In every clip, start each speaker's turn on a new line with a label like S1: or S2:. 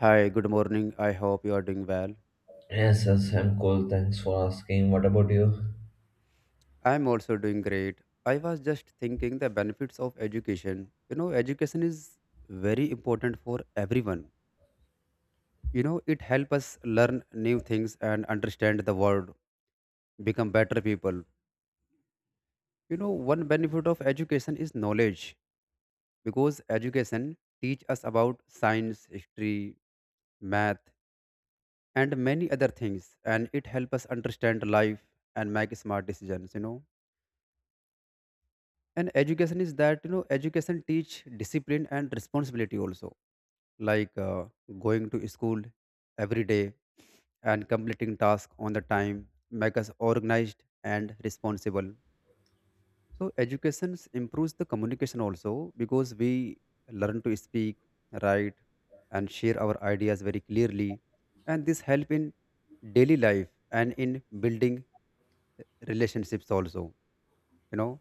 S1: Hi, good morning. I hope you are doing well.
S2: Yes, yes, I'm cool. Thanks for asking. What about you?
S1: I'm also doing great. I was just thinking the benefits of education. You know, education is very important for everyone. You know, it helps us learn new things and understand the world, become better people. You know, one benefit of education is knowledge because education teach us about science, history, math, and many other things, and it helps us understand life and make smart decisions and education is that education teach discipline and responsibility also like going to school every day and completing task on the time make us organized and responsible. So education improves the communication also because we learn to speak, write, and share our ideas very clearly, and this help in daily life and in building relationships also. you know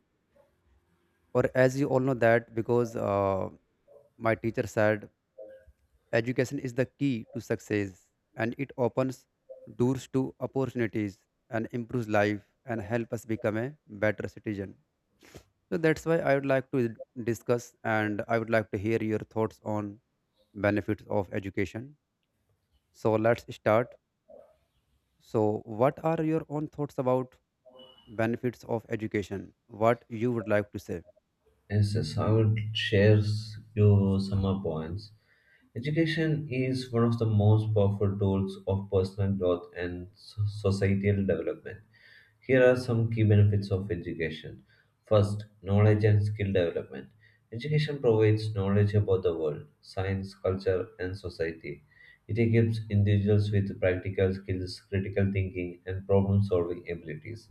S1: or as you all know that because my teacher said, "Education is the key to success and it opens doors to opportunities and improves life and help us become a better citizen." So that's why I would like to discuss and I would like to hear your thoughts on benefits of education. So let's start. So what are your own thoughts about benefits of education? What you would like to say?
S2: Yes, yes, I will share you some more points. Education is one of the most powerful tools of personal growth and societal development. Here are some key benefits of education. First, knowledge and skill development. Education provides knowledge about the world, science, culture, and society. It equips individuals with practical skills, critical thinking, and problem solving abilities.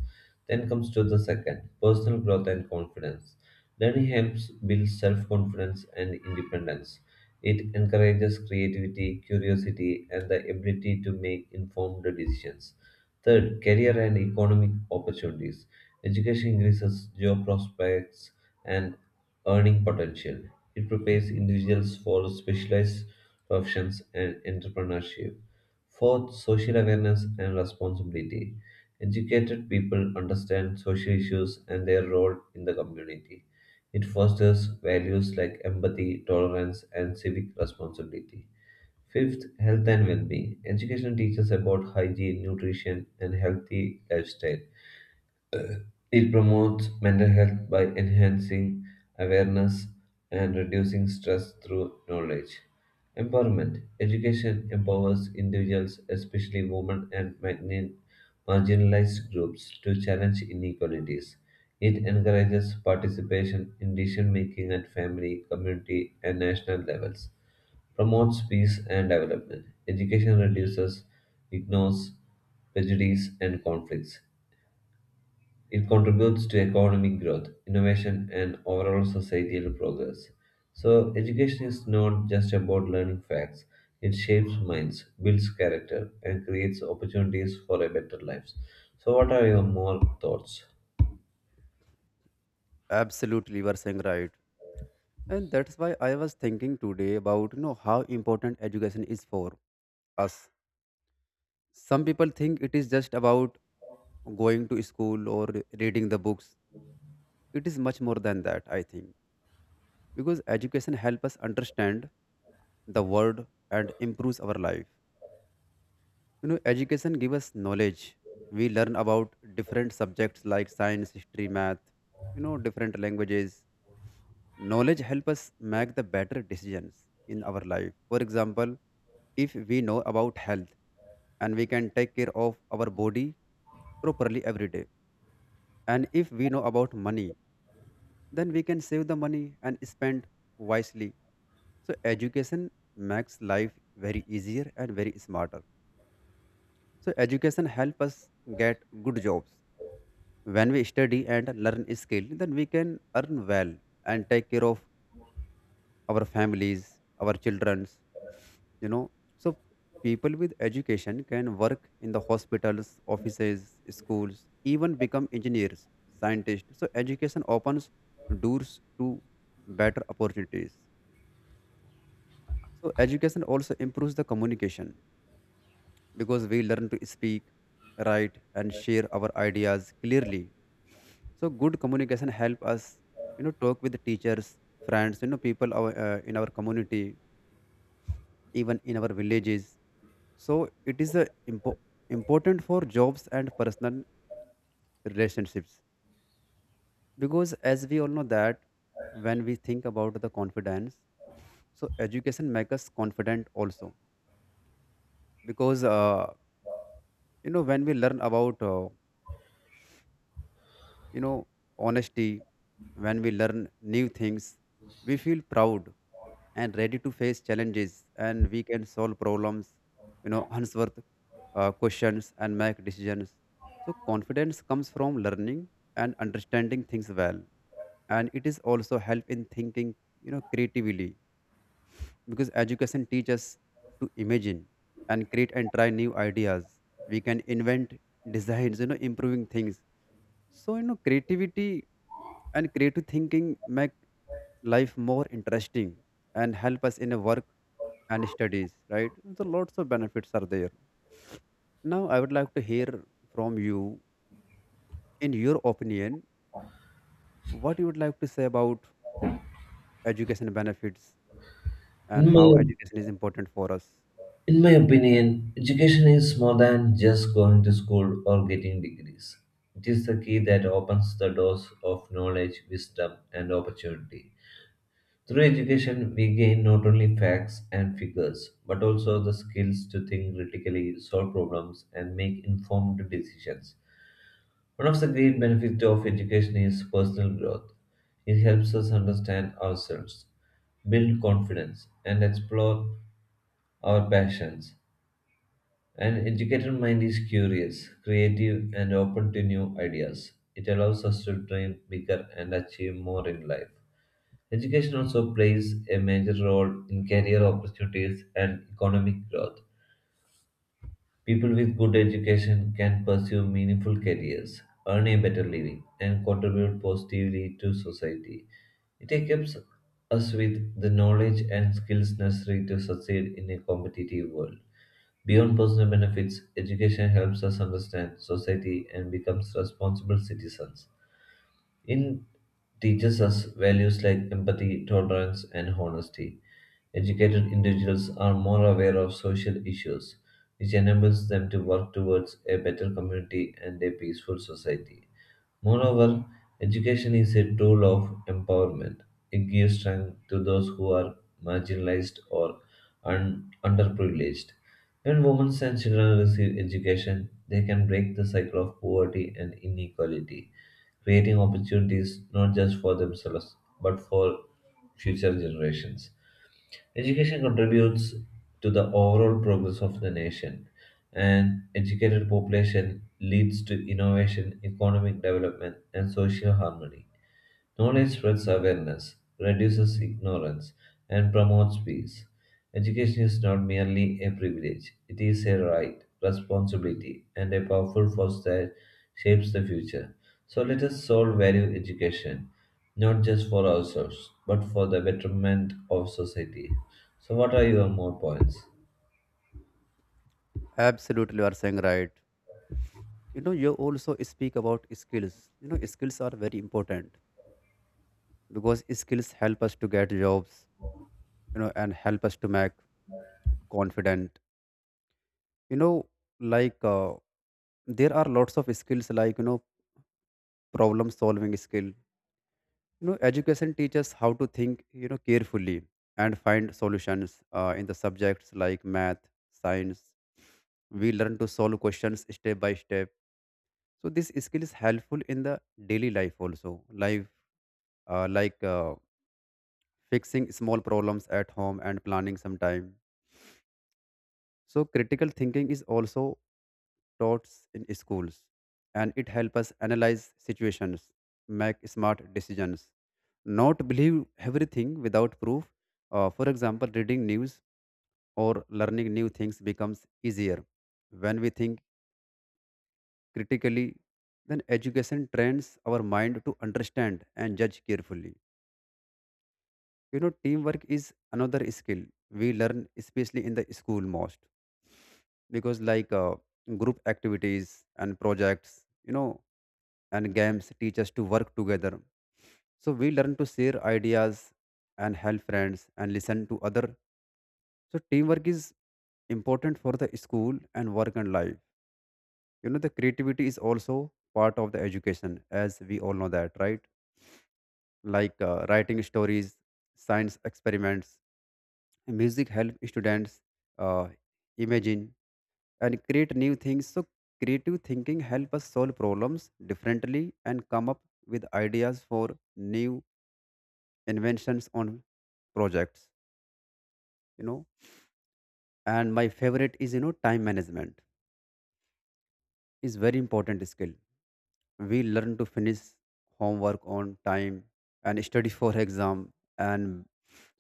S2: Then comes to the second personal growth and confidence. Learning helps build self confidence and independence. It encourages creativity, curiosity, and the ability to make informed decisions. Third, career and economic opportunities. Education increases job prospects and earning potential. It prepares individuals for specialized professions and entrepreneurship. Fourth, social awareness and responsibility. Educated people understand social issues and their role in the community. It fosters values like empathy, tolerance, and civic responsibility. Fifth, health and well being. Education teaches about hygiene, nutrition, and healthy lifestyle. It promotes mental health by enhancing awareness and reducing stress through knowledge. Empowerment. Education empowers individuals, especially women and marginalized groups, to challenge inequalities. It encourages participation in decision making at family, community, and national levels promotes peace and development. Education reduces, ignores prejudice and conflicts. It contributes to economic growth, innovation, and overall societal progress. So, education is not just about learning facts, it shapes minds, builds character, and creates opportunities for a better life. So, what are your more thoughts?
S1: Absolutely, you are saying right. And that's why I was thinking today about how important education is for us. Some people think it is just about going to school or reading the books. It is much more than that, I think, because education helps us understand the world and improves our life. You know, education gives us knowledge. We learn about different subjects like science, history, math, different languages. Knowledge help us make the better decisions in our life. For example, if we know about health and we can take care of our body properly every day. And if we know about money, then we can save the money and spend wisely. So education makes life very easier and very smarter. So education help us get good jobs. When we study and learn skill, then we can earn well and take care of our families, our childrens, you know. So people with education can work in the hospitals, offices, schools, even become engineers, scientists. So education opens doors to better opportunities. So education also improves the communication because we learn to speak, write, and share our ideas clearly. So good communication help us, talk with teachers, friends, people in our community, even in our villages. So it is a important for jobs and personal relationships, because as we all know that when we think about the confidence, so education makes us confident also because when we learn about you know honesty, when we learn new things, we feel proud and ready to face challenges and we can solve problems, answer questions and make decisions. So confidence comes from learning and understanding things well, and it is also help in thinking, creatively, because education teaches to imagine and create and try new ideas. We can invent designs, improving things. So, creativity and creative thinking make life more interesting and help us in a work and studies, right? So, lots of benefits are there. Now, I would like to hear from you, in your opinion, what you would like to say about education benefits and
S2: In my,
S1: how education is important for us.
S2: in my opinion, education is more than just going to school or getting degrees. It is the key that opens the doors of knowledge, wisdom, and opportunity. Through education, we gain not only facts and figures, but also the skills to think critically, solve problems, and make informed decisions. One of the great benefits of education is personal growth. It helps us understand ourselves, build confidence, and explore our passions. An educated mind is curious, creative, and open to new ideas. It allows us to dream bigger and achieve more in life. Education also plays a major role in career opportunities and economic growth. People with good education can pursue meaningful careers, earn a better living, and contribute positively to society. It equips us with the knowledge and skills necessary to succeed in a competitive world. Beyond personal benefits, education helps us understand society and becomes responsible citizens. It teaches us values like empathy, tolerance, and honesty. Educated individuals are more aware of social issues, which enables them to work towards a better community and a peaceful society. Moreover, education is a tool of empowerment. It gives strength to those who are marginalized or underprivileged. When women and children receive education, they can break the cycle of poverty and inequality, creating opportunities not just for themselves but for future generations. Education contributes to the overall progress of the nation. An educated population leads to innovation, economic development, and social harmony. Knowledge spreads awareness, reduces ignorance, and promotes peace. Education is not merely a privilege, it is a right, responsibility, and a powerful force that shapes the future. So let us all value education, not just for ourselves, but for the betterment of society. So, what are your more points?
S1: Absolutely, you are saying right. You know, you also speak about skills. You know, skills are very important because skills help us to get jobs, and help us to make confident, you know like there are lots of skills like problem solving skill. Education teaches how to think, carefully, and find solutions in the subjects like math, science. We learn to solve questions step by step. So this skill is helpful in the daily life also. Life, uh, like uh, fixing small problems at home and planning some time. So critical thinking is also taught in schools, and it helps us analyze situations, make smart decisions, not believe everything without proof. For example, reading news or learning new things becomes easier when we think critically. Then education trains our mind to understand and judge carefully. Teamwork is another skill we learn especially in the school most, because like group activities and projects, you know and games, teach us to work together. So we learn to share ideas and help friends and listen to other. So teamwork is important for the school and work and life. You know the creativity is also part of the education, as we all know that, right? Like writing stories, science experiments, music help students uh, imagine and create new things. So creative thinking help us solve problems differently and come up with ideas for new inventions on projects, you know and my favorite is, time management is very important skill. We learn to finish homework on time and study for exam, and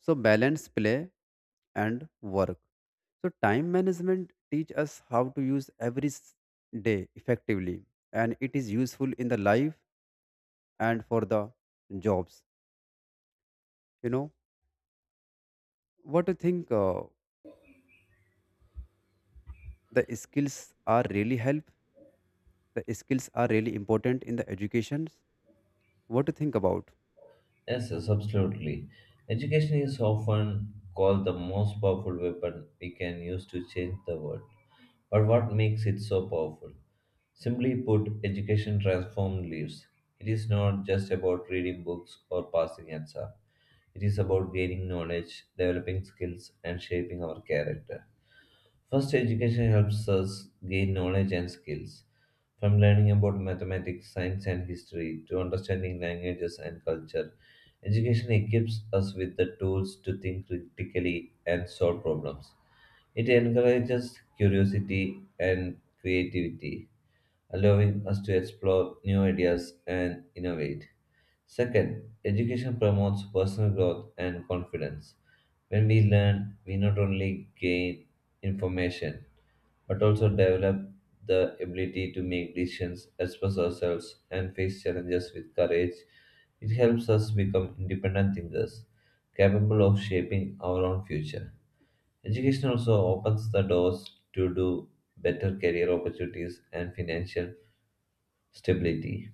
S1: so balance play and work. So time management teach us how to use every day effectively, and it is useful in the life and for the jobs. you know what do you think the skills are really help the skills are really important in the educations? What do you think about?
S2: Yes, yes, absolutely. Education is often called the most powerful weapon we can use to change the world. Or what makes it so powerful. Simply put, education transforms lives. It is not just about reading books or passing exams. It is about gaining knowledge, developing skills, and shaping our character. First, education helps us gain knowledge and skills. From learning about mathematics, science, and history to understanding languages and culture, education equips us with the tools to think critically and solve problems. It encourages curiosity and creativity, allowing us to explore new ideas and innovate. Second, education promotes personal growth and confidence. When we learn, we not only gain information but also develop the ability to make decisions, express ourselves, and face challenges with courage. It helps us become independent thinkers, capable of shaping our own future. Education also opens the doors to do better career opportunities and financial stability.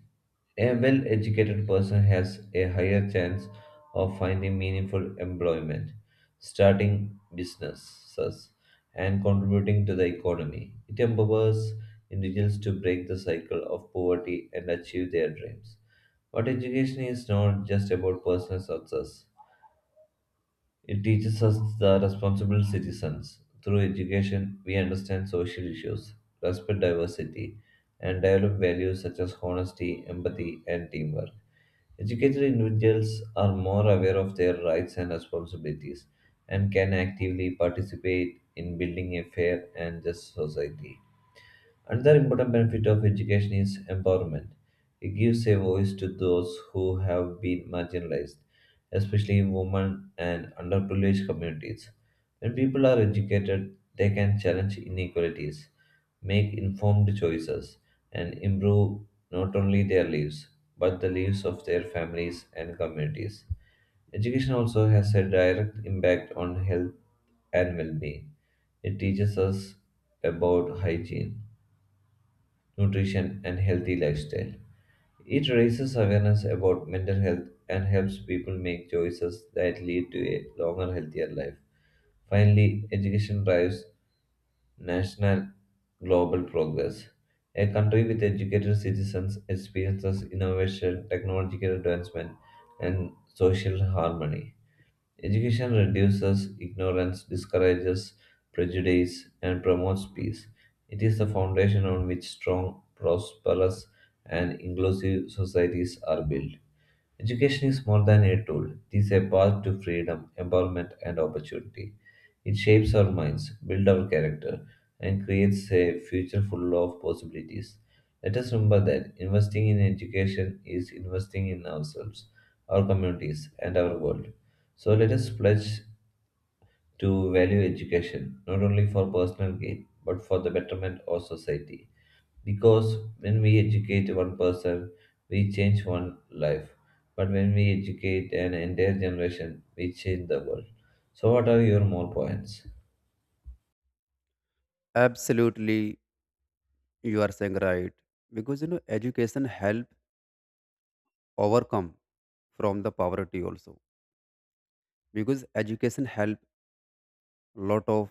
S2: A well educated person has a higher chance of finding meaningful employment, starting businesses, and contributing to the economy. It empowers individuals to break the cycle of poverty and achieve their dreams. But education is not just about personal success. It teaches us the responsible citizens. Through education, we understand social issues, respect diversity, and develop values such as honesty, empathy, and teamwork. Educated individuals are more aware of their rights and responsibilities and can actively participate in building a fair and just society. Another important benefit of education is empowerment. It gives a voice to those who have been marginalized, especially women and underprivileged communities. When people are educated, they can challenge inequalities, make informed choices, and improve not only their lives, but the lives of their families and communities. Education also has a direct impact on health and well being. It teaches us about hygiene nutrition, and healthy lifestyle. It raises awareness about mental health and helps people make choices that lead to a longer, healthier life. Finally, education drives national global progress. A country with educated citizens experiences innovation, technological advancement, and social harmony. Education reduces ignorance, discourages prejudice, and promotes peace. It is the foundation on which strong, prosperous, and inclusive societies are built. Education is more than a tool, it is a path to freedom, empowerment, and opportunity. It shapes our minds, builds our character, and creates a future full of possibilities. Let us remember that investing in education is investing in ourselves, our communities, and our world. So let us pledge to value education not only for personal gain but for the betterment of society. Because when we educate one person, we change one life. But when we educate an entire generation, we change the world. So, what are your more points?
S1: Absolutely, you are saying right, because you know education help overcome from the poverty also, because education help lot of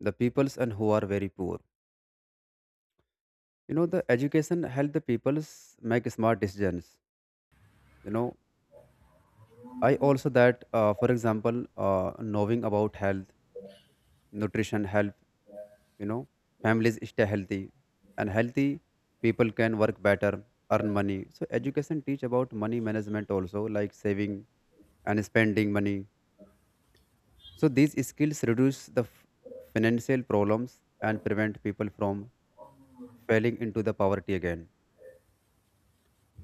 S1: the peoples and who are very poor. You know the education help the peoples make smart decisions. You know I also that for example knowing about health, nutrition help. You know families stay healthy, and healthy people can work better, earn money. So education teach about money management also like saving and spending money. So these skills reduce the financial problems and prevent people from falling into the poverty again.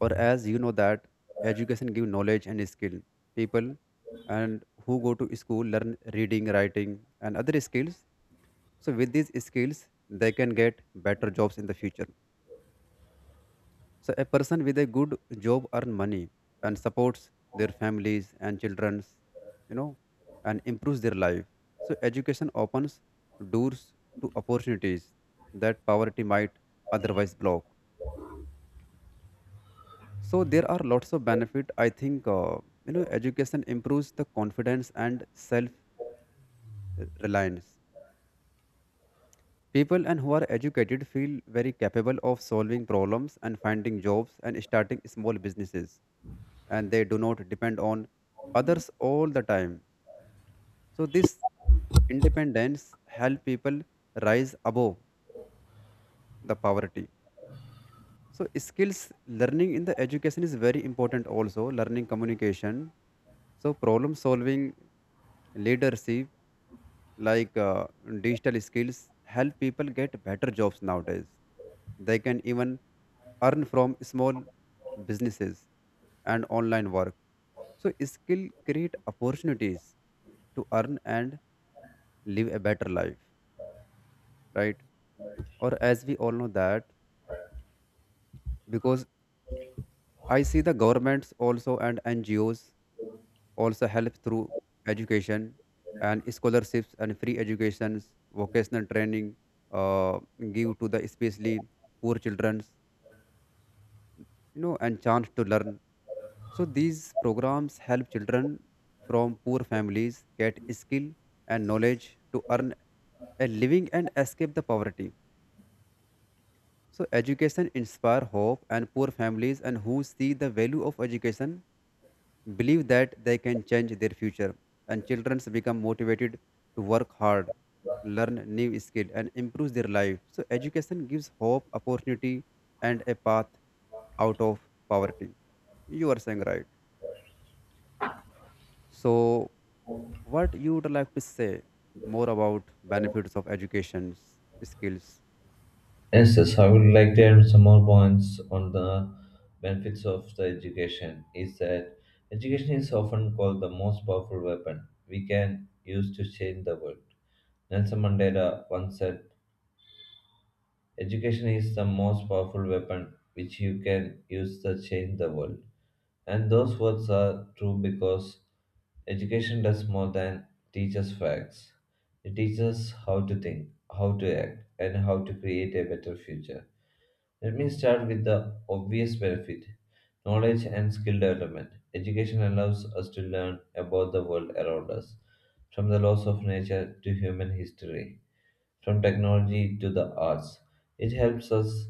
S1: Or as you know that education give knowledge and skill. People and who go to school learn reading, writing and other skills. So with these skills they can get better jobs in the future. So a person with a good job earn money and supports their families and childrens, you know, and improves their life. So education opens doors to opportunities that poverty might otherwise block. So there are lots of benefit. I think education improves the confidence and self reliance. People and who are educated feel very capable of solving problems and finding jobs and starting small businesses, and they do not depend on others all the time. So this independence help people rise above the poverty. So skills learning in the education is very important also, learning communication. So problem solving, leadership, like digital skills help people get better jobs nowadays. They can even earn from small businesses and online work. So skill create opportunities to earn and live a better life, right? Or as we all know that, because I see the governments also, and NGOs also help through education and scholarships and free educations, vocational training, uh, give to the especially poor children, and chance to learn. So these programs help children from poor families get skill and knowledge to earn a living and escape the poverty. So education inspire hope and poor families and who see the value of education believe that they can change their future, and children become motivated to work hard, learn new skill and improve their life. So education gives hope, opportunity, and a path out of poverty. You are saying right. So what you would like to say more about benefits of education, skills?
S2: Yes, yes, I would like to add some more points on the benefits of the education. Is that education is often called the most powerful weapon we can use to change the world. Nelson Mandela once said, education is the most powerful weapon which you can use to change the world. And those words are true because education does more than teach us facts. It teaches how to think, how to act, and how to create a better future. Let me start with the obvious benefit knowledge and skill development. Education allows us to learn about the world around us, from the laws of nature to human history, from technology to the arts. It helps us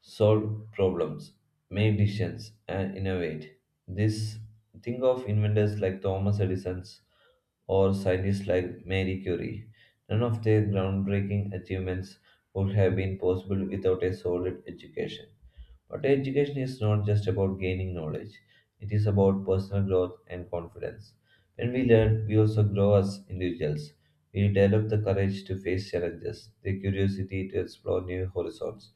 S2: solve problems, make decisions, and innovate. This think of inventors like Thomas Edison or scientists like Marie Curie. None of their groundbreaking achievements would have been possible without a solid education. But education is not just about gaining knowledge, it is about personal growth and confidence. When we learn, we also grow as individuals. We develop the courage to face challenges, the curiosity to explore new horizons,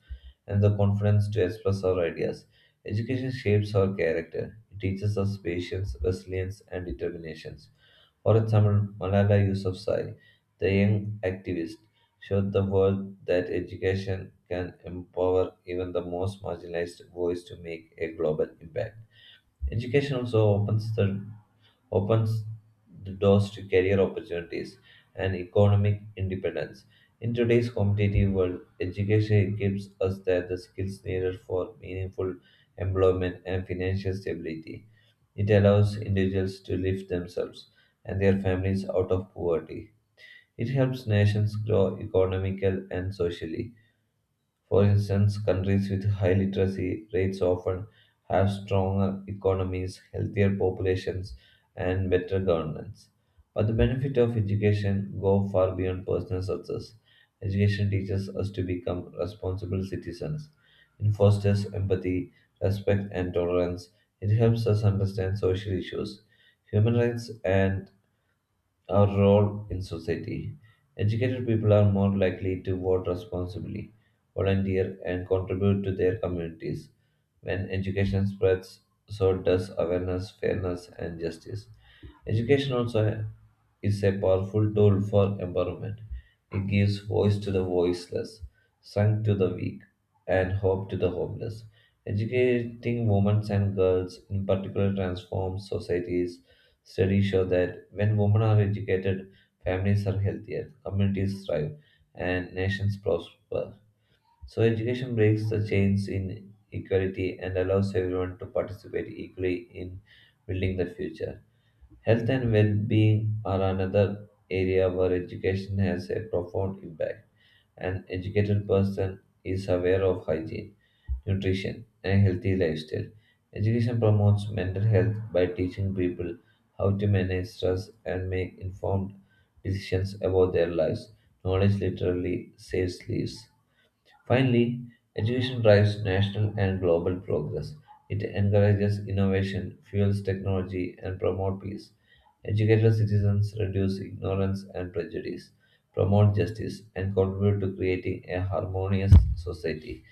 S2: and the confidence to express our ideas. Education shapes our character. It teaches us patience, resilience, and determination. For example, Malala Yousafzai, the young activist, showed the world that education can empower even the most marginalized voice to make a global impact. Education also opens the doors to career opportunities and economic independence. In today's competitive world, education gives us that the skills needed for meaningful employment and financial stability. It allows individuals to lift themselves and their families out of poverty. It helps nations grow economically and socially for instance, countries with high literacy rates often have stronger economies, healthier populations, and better governance. But the benefit of education go far beyond personal success. Education teaches us to become responsible citizens. It fosters empathy, respect, and tolerance. It helps us understand social issues, human rights, and our role in society. Educated people are more likely to vote responsibly, volunteer, and contribute to their communities. When education spreads, so does awareness, fairness, and justice. Education also is a powerful tool for empowerment. It gives voice to the voiceless, strength to the weak, and hope to the hopeless. Educating women and girls, in particular, transforms societies. Studies show that when women are educated, families are healthier, communities thrive, and nations prosper. So, education breaks the chains in equality and allows everyone to participate equally in building the future. Health and well being are another area where education has a profound impact. An educated person is aware of hygiene nutrition, and a healthy lifestyle. Education promotes mental health by teaching people how to manage stress and make informed decisions about their lives. Knowledge literally saves lives. Finally, education drives national and global progress. It encourages innovation, fuels technology, and promotes peace. Educated citizens reduce ignorance and prejudice, promote justice, and contribute to creating a harmonious society.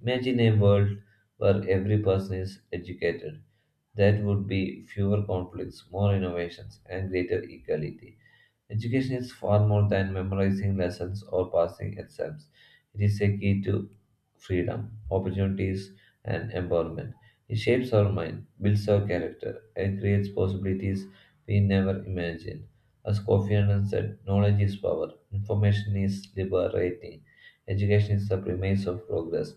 S2: Imagine a world where every person is educated. That would be fewer conflicts, more innovations, and greater equality. Education is far more than memorizing lessons or passing exams. It is a key to freedom, opportunities, and empowerment. It shapes our mind, builds our character, and creates possibilities we never imagined. As Kofi Annan said, knowledge is power, information is liberating, education is the premise of progress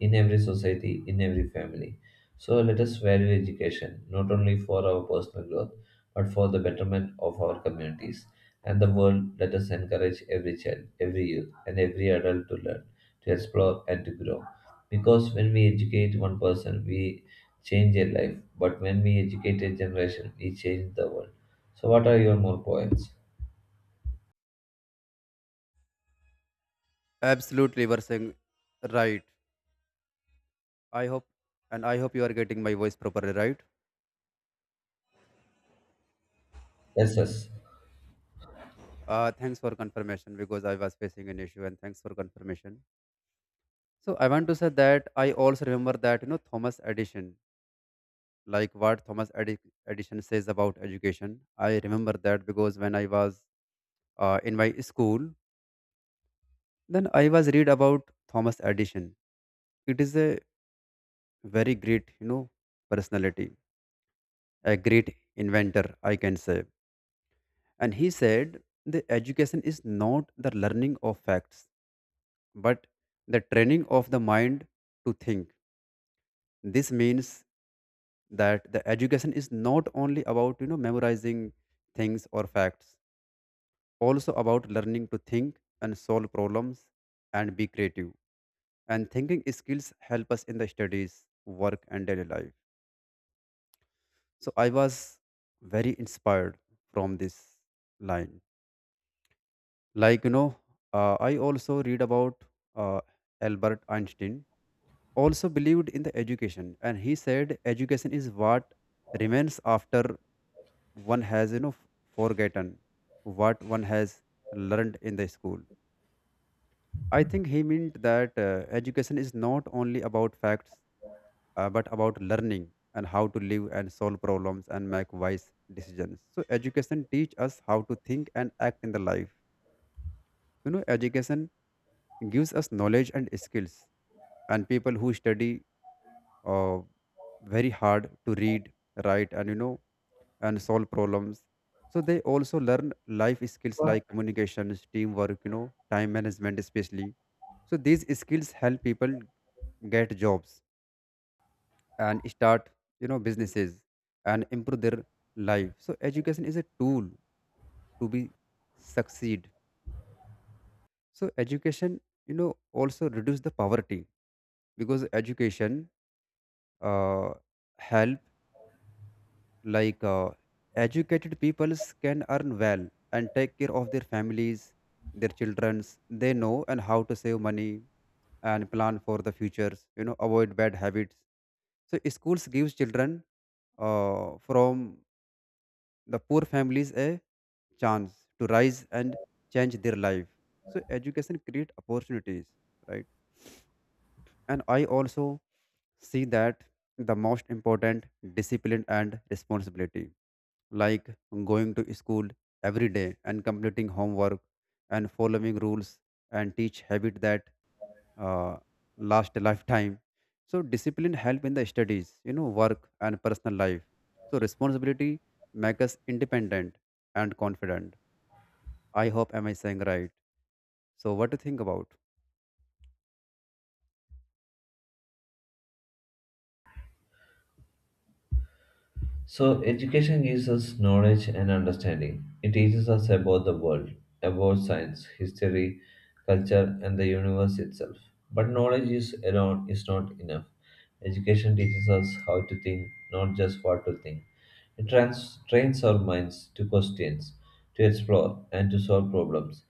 S2: in every society, in every family. So let us value education not only for our personal growth but for the betterment of our communities and the world, let us encourage every child, every youth, and every adult to learn, to explore, and to grow. Because when we educate one person, we change a life, but when we educate a generation, we change the world. So, what are your more points?
S1: Absolutely, you are saying right. I hope, and I hope you are getting my voice properly, right?
S2: Yes, yes.
S1: Thanks for confirmation, because I was facing an issue, and thanks for confirmation. So I want to say that I also remember that, you know, Thomas Edison, like what Edison says about education. I remember that because when I was in my school, then I was read about Thomas Edison. It is a very great, personality, a great inventor, I can say. And he said the education is not the learning of facts, but the training of the mind to think. This means that the education is not only about, memorizing things or facts, also about learning to think and solve problems and be creative. And thinking skills help us in the studies, work and daily life. So I was very inspired from this line. Like, I also read about uh, Albert Einstein also believed in the education, and he said education is what remains after one has, forgotten what one has learned in the school. I think he meant that education is not only about facts, but about learning and how to live and solve problems and make wise decisions. So education teach us how to think and act in the life. You know, education gives us knowledge and skills, and people who study uh, very hard to read, write and, and solve problems. So they also learn life skills like communications, teamwork, time management especially. So these skills help people get jobs and start, businesses and improve their life. So education is a tool to be succeed. So education, also reduce the poverty, because education, uh, help like educated peoples can earn well and take care of their families, their childrens, they know, and how to save money and plan for the futures, you know, avoid bad habits. So schools gives children from the poor families a chance to rise and change their life. So education create opportunities, right? And I also see that the most important discipline and responsibility, like going to school every day and completing homework and following rules and teach habit that uh, last a lifetime. So discipline help in the studies, work and personal life. So responsibility make us independent and confident. I hope, am I saying right? So what do you think about?
S2: So, education gives us knowledge and understanding. It teaches us about the world, about science, history, culture, and the universe itself. But knowledge is alone is not enough. Education teaches us how to think, not just what to think. It trains our minds to question, to explore, and to solve problems.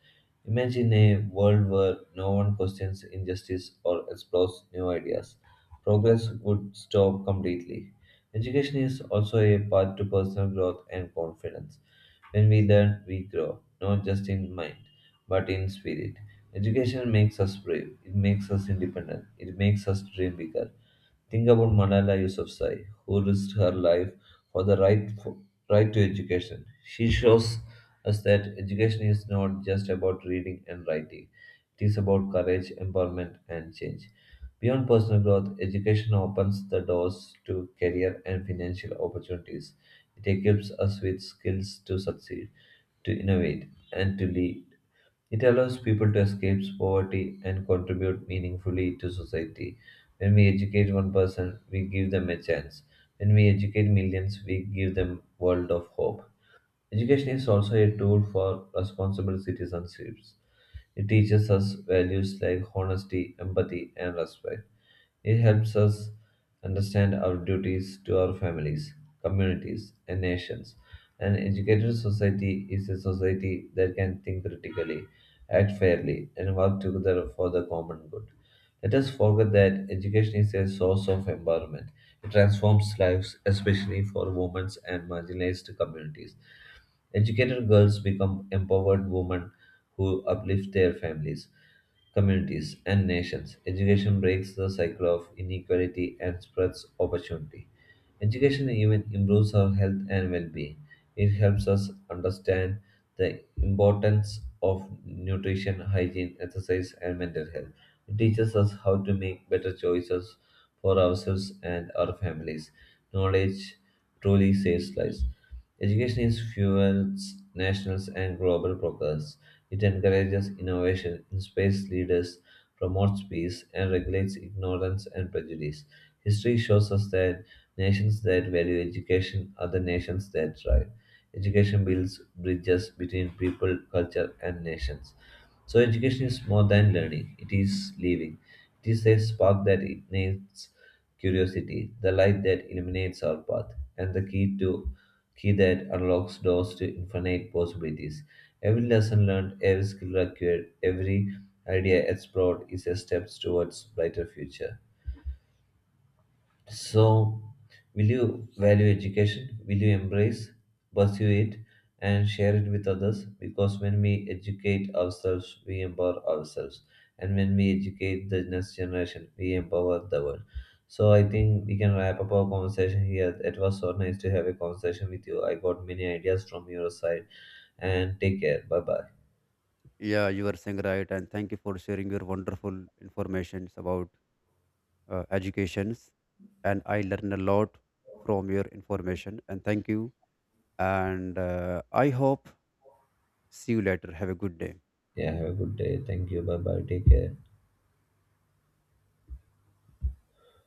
S2: Imagine a world where no one questions injustice or explores new ideas. Progress would stop completely. Education is also a path to personal growth and confidence. When we learn, we grow, not just in mind, but in spirit. Education makes us brave, it makes us independent, it makes us dream bigger. Think about Malala Yousafzai, who risked her life for the right to education. She shows us that education is not just about reading and writing; it is about courage, empowerment, and change. Beyond personal growth, education opens the doors to career and financial opportunities. It equips us with skills to succeed, to innovate, and to lead. It allows people to escape poverty and contribute meaningfully to society. When we educate one person, we give them a chance. When we educate millions, we give them world of hope. Education is also a tool for responsible citizenships. It teaches us values like honesty, empathy, and respect. It helps us understand our duties to our families, communities, and nations. An educated society is a society that can think critically, act fairly, and work together for the common good. Let us forget that education is a source of empowerment. It transforms lives, especially for women and marginalized communities. Educated girls become empowered women who uplift their families, communities, and nations. Education breaks the cycle of inequality and spreads opportunity. Education even improves our health and well being. It helps us understand the importance of nutrition, hygiene, exercise, and mental health. It teaches us how to make better choices for ourselves and our families. Knowledge truly saves lives. Education is fuels national and global progress. It encourages innovation, inspires leaders, promotes peace, and regulates ignorance and prejudice. History shows us that nations that value education are the nations that thrive. Education builds bridges between people, culture, and nations. So, education is more than learning, it is living. It is a spark that ignites curiosity, the light that illuminates our path, and the key that unlocks doors to infinite possibilities. Every lesson learned, every skill acquired, every idea explored is a step towards brighter future. So, will you value education? Will you embrace, pursue it, and share it with others? Because when we educate ourselves, we empower ourselves. And when we educate the next generation, we empower the world. So, I think we can wrap up our conversation here. It was so nice to have a conversation with you. I got many ideas from your side. And take care. Bye bye.
S1: Yeah, you are saying right, and thank you for sharing your wonderful informations about educations, and I learned a lot from your information, and thank you. And I hope see you later. Have a good day.
S2: Yeah, have a good day. Thank you. Bye bye. Take care.